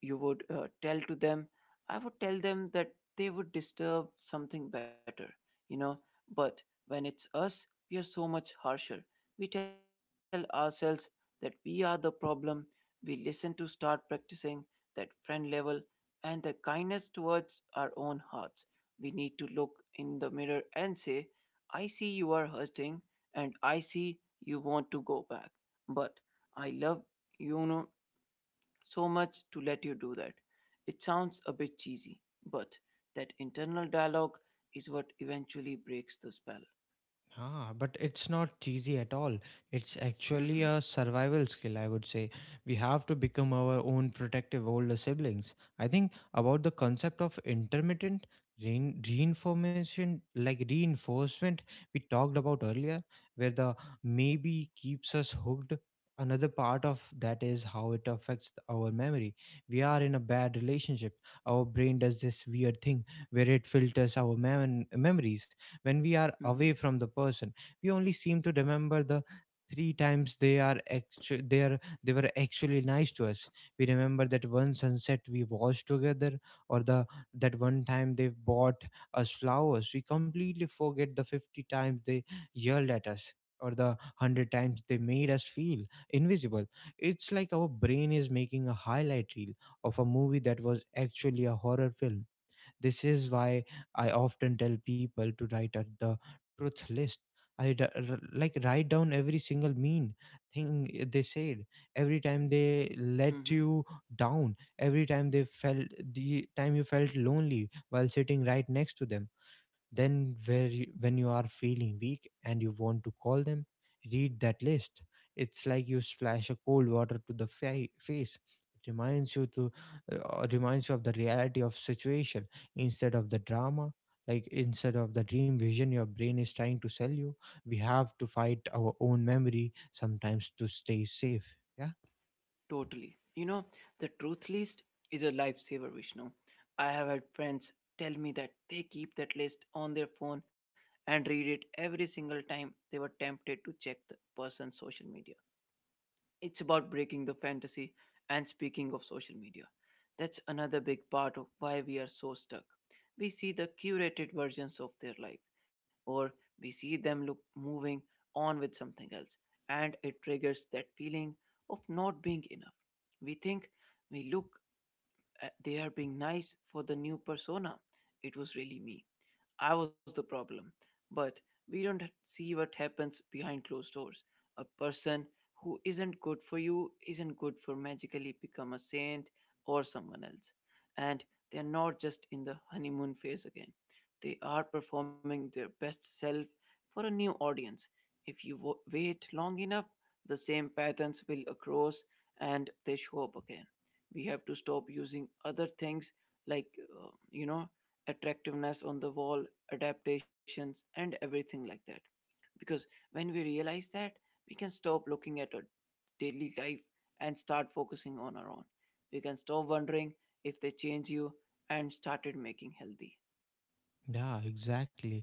Speaker 2: you would tell to them I would tell them that they would disturb something better you know but when it's us we are so much harsher we tell ourselves that we are the problem we listen to start practicing that friend level and the kindness towards our own hearts we need to look in the mirror and say I see you are hurting and I see you want to go back but I love you know so much to let you do that. It sounds a bit cheesy, but that internal dialogue is what eventually breaks the spell.
Speaker 1: Ah, but it's not cheesy at all. It's actually
Speaker 2: Mm-hmm,
Speaker 1: a survival skill, I would say. We have to become our own protective older siblings. I think about the concept of intermittent reinformation, like reinforcement we talked about earlier, where the maybe keeps us hooked. Another part of that is how it affects our memory. We are in a bad relationship. Our brain does this weird thing where it filters our memories when we are
Speaker 2: mm-hmm,
Speaker 1: away from the person. We only seem to remember the three times they are actu- they are they were actually nice to us. We remember that one sunset we watched together, or the that one time they bought us flowers. We completely forget the 50 times they yelled at us, or the 100 times they made us feel invisible. It's like our brain is making a highlight reel of a movie that was actually a horror film. This is why I often tell people to write at the truth list. Like write down every single mean thing they said, every time they let
Speaker 2: mm-hmm,
Speaker 1: you down, every time the time you felt lonely while sitting right next to them. Then, when you are feeling weak and you want to call them, read that list. It's like you splash a cold water to the face. It reminds you to reminds you of the reality of situation instead of the drama. Like instead of the dream vision your brain is trying to sell you, we have to fight our own memory sometimes to stay safe. Yeah.
Speaker 2: totally. You know, the truth list is a lifesaver, Vishnu. I have had friends tell me that they keep that list on their phone and read it every single time they were tempted to check the person's social media. It's about breaking the fantasy. And speaking of social media, that's another big part of why we are so stuck. We see the curated versions of their life, or we see them look moving on with something else, and it triggers that feeling of not being enough. We think we look they are being nice for the new persona. It was really me. I was the problem. But we don't see what happens behind closed doors. A person who isn't good for you isn't good for magically become a saint or someone else. And they're not just in the honeymoon phase again. They are performing their best self for a new audience. If you wait long enough, the same patterns will accrose and they show up again. We have to stop using other things like uh, you know attractiveness on the wall adaptations and everything like that because when we realize that we can stop looking at our daily life and start focusing on our own we can stop wondering if they change you and started making healthy
Speaker 1: Yeah, exactly.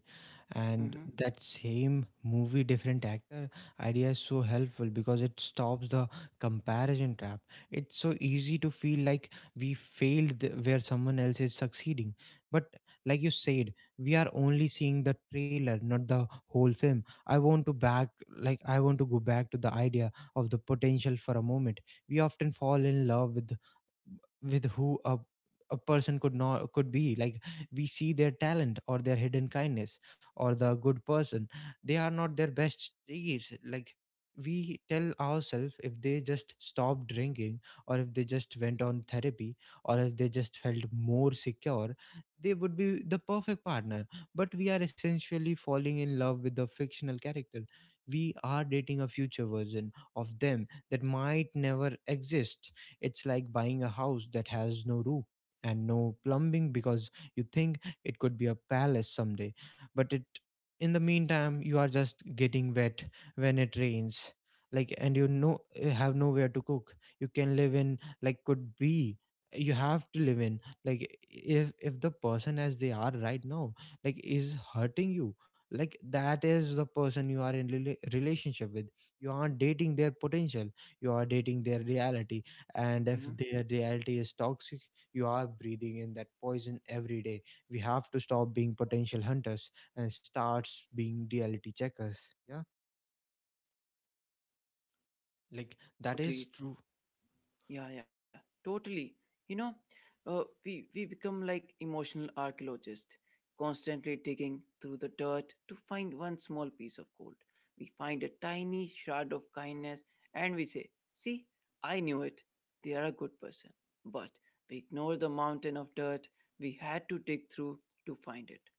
Speaker 2: mm-hmm,
Speaker 1: And that same movie, different actor idea is so helpful because it stops the comparison trap. It's so easy to feel like we failed where someone else is succeeding. But like you said, we are only seeing the trailer, not the whole film. I want to go back to the idea of the potential for a moment. We often fall in love with the with who a person could not could be. Like we see their talent or their hidden kindness, or the good person they are not their best days. Like we tell ourselves if they just stopped drinking, or if they just went on therapy, or if they just felt more secure, they would be the perfect partner. But we are essentially falling in love with the fictional character. We are dating a future version of them that might never exist. It's like buying a house that has no roof and no plumbing because you think it could be a palace someday, but it in the meantime you are just getting wet when it rains. Like, and you know you have nowhere to cook. you can live in like could be you have to live in like if the person as they are right now like is hurting you, like that is the person you are in relationship with. You aren't dating their potential, you are dating their reality. And if their
Speaker 2: mm-hmm.
Speaker 1: reality is toxic, you are breathing in that poison every day. We have to stop being potential hunters and starts being reality checkers. Yeah. Like that is true.
Speaker 2: Totally. Yeah, yeah, totally. You know, we become like emotional archaeologists, constantly digging through the dirt to find one small piece of gold. We find a tiny shard of kindness, and we say, "See, I knew it. They are a good person." But we ignore the mountain of dirt we had to dig through to find it.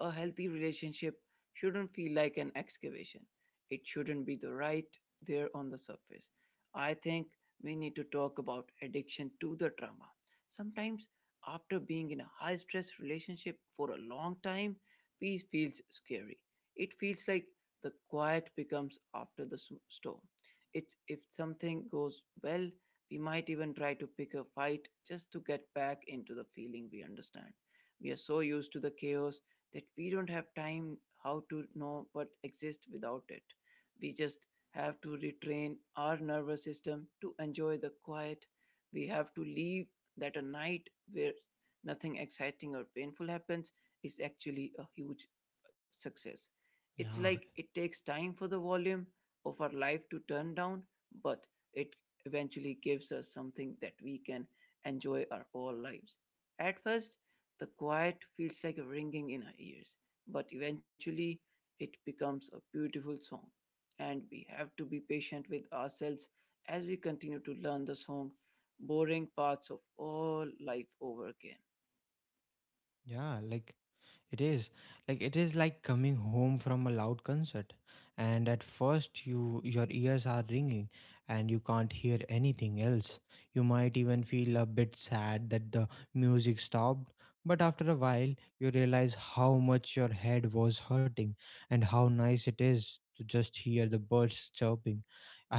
Speaker 2: A healthy relationship shouldn't feel like an excavation. It shouldn't be the right there on the surface. I think we need to talk about addiction to the trauma. Sometimes, after being in a high stress relationship for a long time, peace feels scary. It feels like the quiet becomes after the storm. It's if something goes well, we might even try to pick a fight just to get back into the feeling we understand. We are so used to the chaos that we don't have time how to know what exists without it. We just have to retrain our nervous system to enjoy the quiet. We have to leave that a night where nothing exciting or painful happens is actually a huge success. It's
Speaker 1: Yeah,
Speaker 2: like it takes time for the volume of our life to turn down, but it eventually gives us something that we can enjoy our whole lives. At first, the quiet feels like a ringing in our ears, but eventually it becomes a beautiful song and we have to be patient with ourselves as we continue to learn the song boring parts of all life over again.
Speaker 1: yeah, like It is like it is like coming home from a loud concert, and at first your ears are ringing, and you can't hear anything else. You might even feel a bit sad that the music stopped, but after a while you realize how much your head was hurting, and how nice it is to just hear the birds chirping.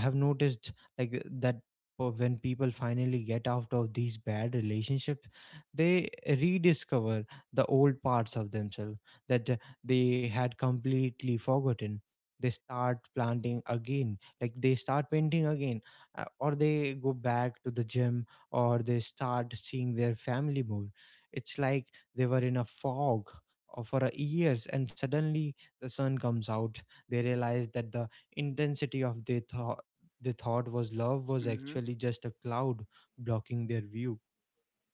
Speaker 1: I have noticed like that when people finally get out of these bad relationships, they rediscover the old parts of themselves that they had completely forgotten. They start painting again, or they go back to the gym, or they start seeing their family more. It's like they were in a fog for years, and suddenly the sun comes out. They realize that the intensity of their thought they thought was love was
Speaker 2: Mhm.
Speaker 1: actually just a cloud blocking their view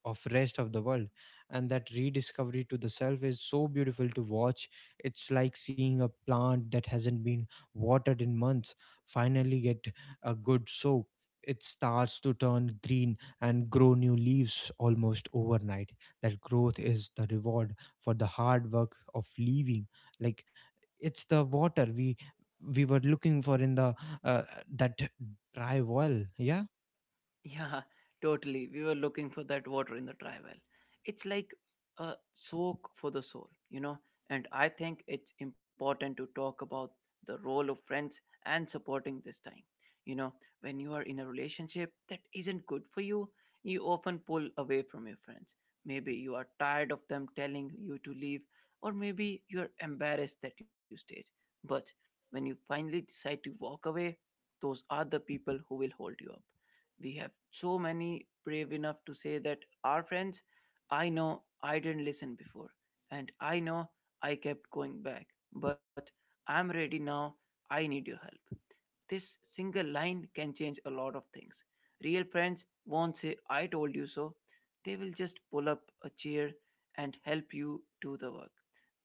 Speaker 1: of rest of the world. And that rediscovery to the self is so beautiful to watch. It's like seeing a plant that hasn't been watered in months finally get a good soak. It starts to turn green and grow new leaves almost overnight. That growth is the reward for the hard work of leaving. Like it's the water we were looking for in the uh, that dry well. Yeah.
Speaker 2: Yeah, totally. We were looking for that water in the dry well. It's like a soak for the soul, you know. And I think it's important to talk about the role of friends and supporting this time. You know, when you are in a relationship that isn't good for you, you often pull away from your friends. Maybe you are tired of them telling you to leave, or maybe you're embarrassed that you stayed. But when you finally decide to walk away, those are the people who will hold you up. We have so many brave enough to say that our friends, I know I didn't listen before, and I know I kept going back, but I'm ready now. I need your help. This single line can change a lot of things. Real friends won't say, I told you so. They will just pull up a chair and help you do the work.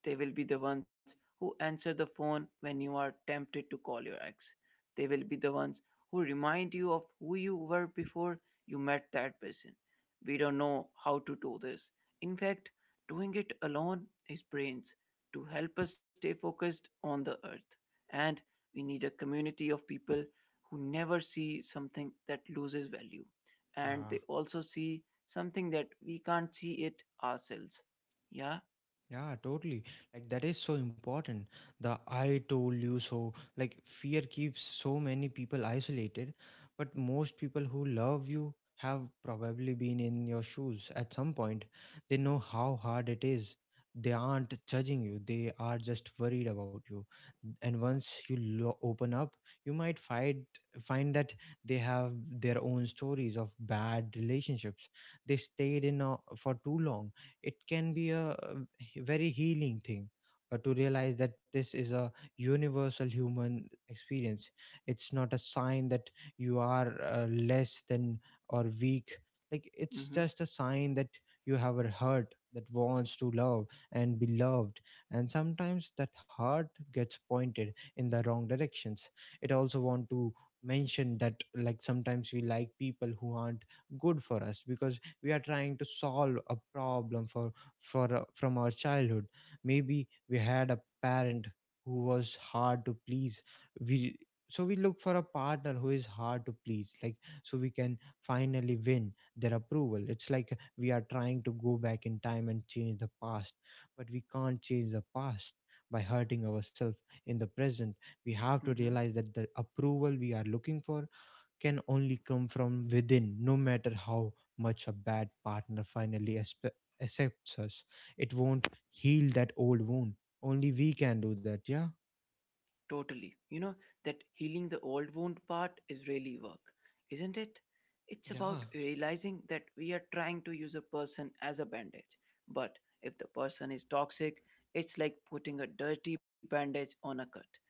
Speaker 2: They will be the ones who answer the phone when you are tempted to call your ex. They will be the ones who remind you of who you were before you met that person. We don't know how to do this. In fact, doing it alone is brains to help us stay focused on the earth. And we need a community of people who never see something that loses value and they
Speaker 1: Yeah,
Speaker 2: also see something that we can't see it ourselves. Yeah.
Speaker 1: yeah, totally. Like that is so important. The I told you so. Like fear keeps so many people isolated, but most people who love you have probably been in your shoes at some point. They know how hard it is. They aren't judging you. They are just worried about you. And once you open up, you might find that they have their own stories of bad relationships. They stayed in for too long. It can be a very healing thing, to realize that this is a universal human experience. It's not a sign that you are less than or weak. Like it's
Speaker 2: Mm-hmm.
Speaker 1: just a sign that you have a heart that wants to love and be loved, and sometimes that heart gets pointed in the wrong directions. It also want to mention that like sometimes we like people who aren't good for us because we are trying to solve a problem for from our childhood. Maybe we had a parent who was hard to please. We So we look for a partner who is hard to please, like so we can finally win their approval. It's like we are trying to go back in time and change the past, but we can't change the past by hurting ourselves in the present. We have to
Speaker 2: Mm-hmm.
Speaker 1: realize that the approval we are looking for can only come from within, no matter how much a bad partner accepts us. It won't heal that old wound. Only we can do that, yeah?
Speaker 2: Totally. You know, that healing the old wound part is really work, isn't it? It's
Speaker 1: Yeah,
Speaker 2: about realizing that we are trying to use a person as a bandage. But if the person is toxic, it's like putting a dirty bandage on a cut.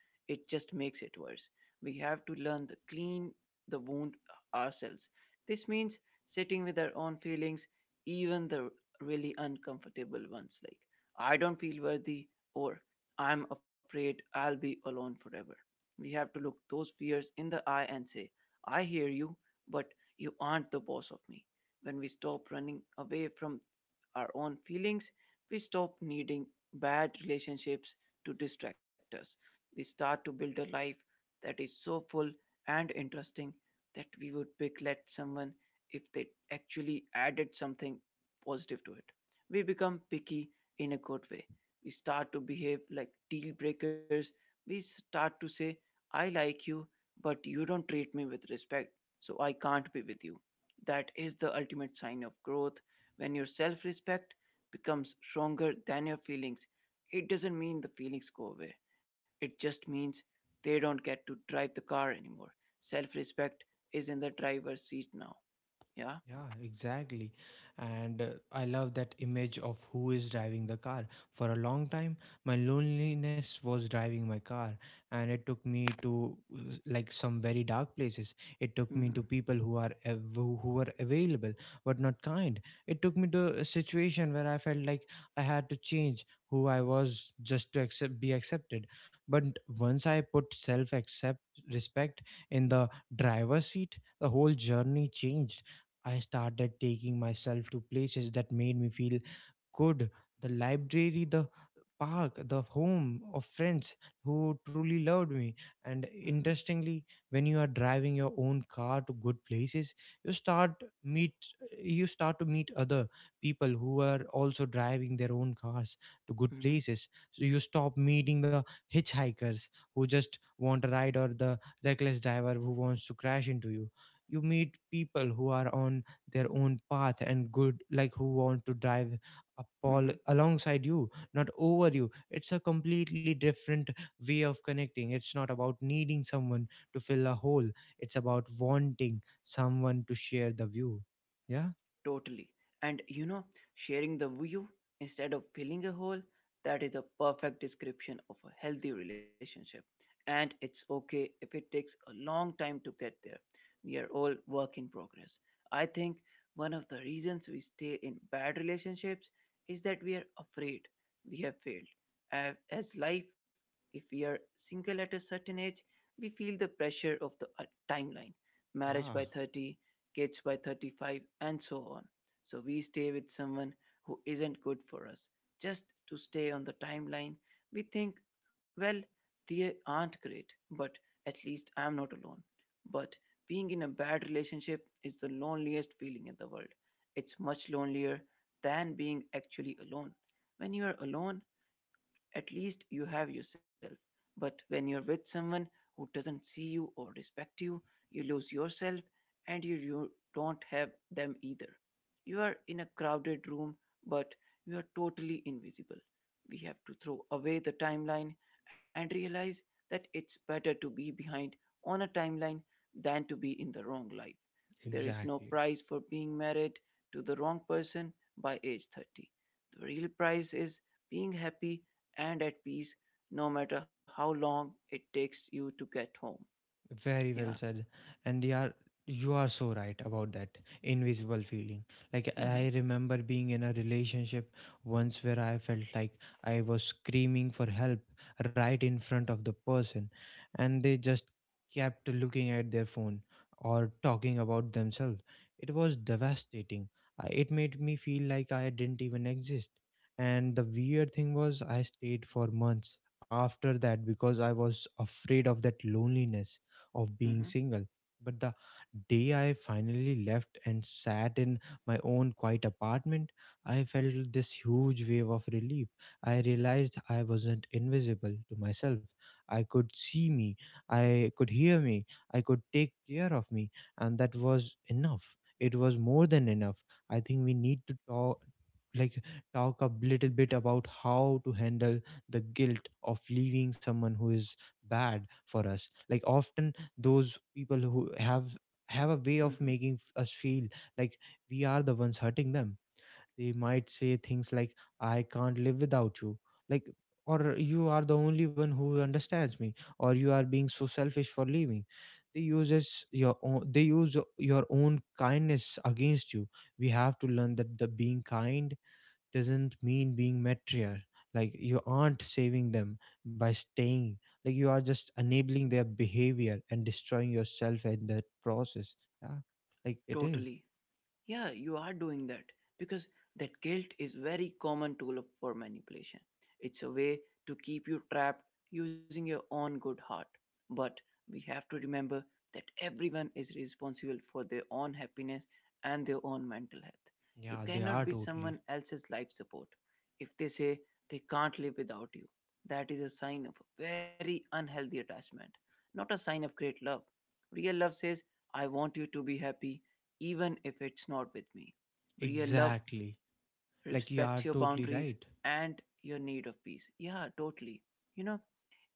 Speaker 2: It just makes it worse. We have to learn to clean the wound ourselves. This means sitting with our own feelings, even the really uncomfortable ones like, I don't feel worthy, or I'm afraid I'll be alone forever. We have to look those fears in the eye and say, I hear you, but you aren't the boss of me. When we stop running away from our own feelings, we stop needing bad relationships to distract us. We start to build a life that is so full and interesting that we would regret someone if they actually added something positive to it. We become picky in a good way. We start to behave like deal breakers. We start to say, I like you, but you don't treat me with respect, so I can't be with you. That is the ultimate sign of growth when your self respect becomes stronger than your feelings, it doesn't mean the feelings go away. It just means they don't get to drive the car anymore. Self respect is in the driver's seat now. Yeah?
Speaker 1: Yeah, exactly. And I love that image of who is driving the car. For a long time, my loneliness was driving my car, and it took me to like some very dark places. It took
Speaker 2: Mm
Speaker 1: me
Speaker 2: hmm.
Speaker 1: to people who are av- who were available but not kind. It took me to a situation where I felt like I had to change who I was just to accept be accepted. But once I put self accept respect in the driver's seat, the whole journey changed. I started taking myself to places that made me feel good: the library, the park, the home of friends who truly loved me. And
Speaker 2: Mm hmm.
Speaker 1: interestingly, when you are driving your own car to good places, you start meet you start to meet other people who are also driving their own cars to good
Speaker 2: Mm hmm.
Speaker 1: places. So you stop meeting the hitchhikers who just want a ride, or the reckless driver who wants to crash into you. You meet people who are on their own path and good, like who want to drive
Speaker 2: Mm
Speaker 1: upon
Speaker 2: hmm.
Speaker 1: alongside you, not over you. It's a completely different way of connecting. It's not about needing someone to fill a hole, it's about wanting someone to share the view, yeah?
Speaker 2: Totally. And you know, sharing the view instead of filling a hole, that is a perfect description of a healthy relationship. And it's okay if it takes a long time to get there. We are all work in progress. I think one of the reasons we stay in bad relationships is that we are afraid we have failed. A- As life, if we are single at a certain age, we feel the pressure of the timeline marriage
Speaker 1: Yeah,
Speaker 2: by 30 kids by 35, and so on. So we stay with someone who isn't good for us. Just to stay on the timeline, we think, well, they aren't great, but at least I'm not alone. But being in a bad relationship is the loneliest feeling in the world. It's much lonelier than being actually alone. When you are alone, at least you have yourself. But when you're with someone who doesn't see you or respect you, you lose yourself and you don't have them either. You are in a crowded room, but you are totally invisible. We have to throw away the timeline and realize that it's better to be behind on a timeline than to be in the wrong life. There is no
Speaker 1: exactly.
Speaker 2: prize for being married to the wrong person by age 30. The real prize is being happy and at peace no matter how long it takes you to get home.
Speaker 1: Very
Speaker 2: Yeah.
Speaker 1: well said. And you are so right about that invisible feeling. Like
Speaker 2: Mm-hmm.
Speaker 1: I remember being in a relationship once where I felt like I was screaming for help right in front of the person, and they just kept looking at their phone or talking about themselves. It was devastating. It made me feel like I didn't even exist. And the weird thing was I stayed for months after that because I was afraid of that loneliness, of
Speaker 2: Mm-hmm.
Speaker 1: being single. But the day I finally left and sat in my own quiet apartment, I felt this huge wave of relief. I realized I wasn't invisible to myself. I could see me, I could hear me, I could take care of me, and that was enough. It was more than enough. I think we need to like talk a little bit about how to handle the guilt of leaving someone who is bad for us. Like often those people who have a way of
Speaker 2: Mm-hmm.
Speaker 1: making us feel like we are the ones hurting them. They might say things like, I can't live without you, like, or you are the only one who understands me, or you are being so selfish for leaving. They use your own kindness against you. We have to learn that the being kind doesn't mean being material. Like you aren't saving them by staying, like you are just enabling their behavior and destroying yourself in that process. Yeah, like it is.
Speaker 2: Totally. Yeah, you are doing that because that guilt is very common tool for manipulation. It's a way to keep you trapped using your own good heart. But we have to remember that everyone is responsible for their own happiness and their own mental health. You
Speaker 1: Yeah, they
Speaker 2: cannot
Speaker 1: are
Speaker 2: be
Speaker 1: totally.
Speaker 2: someone else's life support. If they say they can't live without you, that is a sign of a very unhealthy attachment, not a sign of great love. Real love says, I want you to be happy even if it's not with me. Real love
Speaker 1: Exactly. Like you
Speaker 2: respects
Speaker 1: are
Speaker 2: your
Speaker 1: totally
Speaker 2: boundaries
Speaker 1: right.
Speaker 2: and your need of peace. Yeah, totally. You know,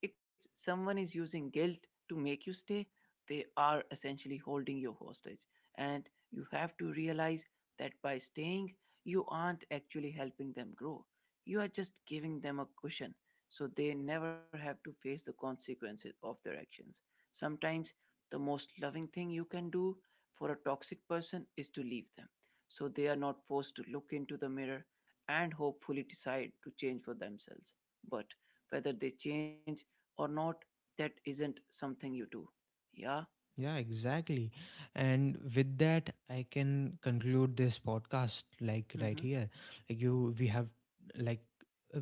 Speaker 2: if someone is using guilt to make you stay, they are essentially holding you hostage. And you have to realize that by staying, you aren't actually helping them grow. You are just giving them a cushion so they never have to face the consequences of their actions. Sometimes the most loving thing you can do for a toxic person is to leave them so they are not forced to look into the mirror and hopefully decide to change for themselves. But whether they change or not, that isn't something you do. Yeah,
Speaker 1: Yeah, exactly. And with that, I can conclude this podcast, like right
Speaker 2: hmm.
Speaker 1: here. Like you, like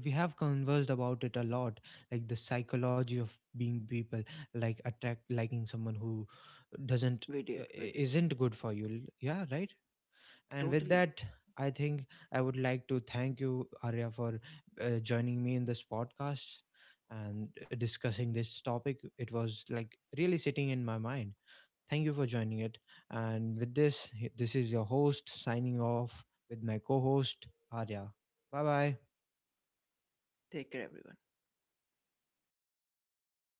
Speaker 1: we have conversed about it a lot, like the psychology of being people, like attract liking someone who doesn't,
Speaker 2: we did, we did.
Speaker 1: isn't good for you. Yeah, right. And with
Speaker 2: Totally.
Speaker 1: that, I think I would like to thank you, Arya, for joining me in this podcast and discussing this topic. It was like really sitting in my mind. Thank you for joining it. And with this, this is your host signing off with my co host, Arya. Bye bye.
Speaker 2: Take care, everyone.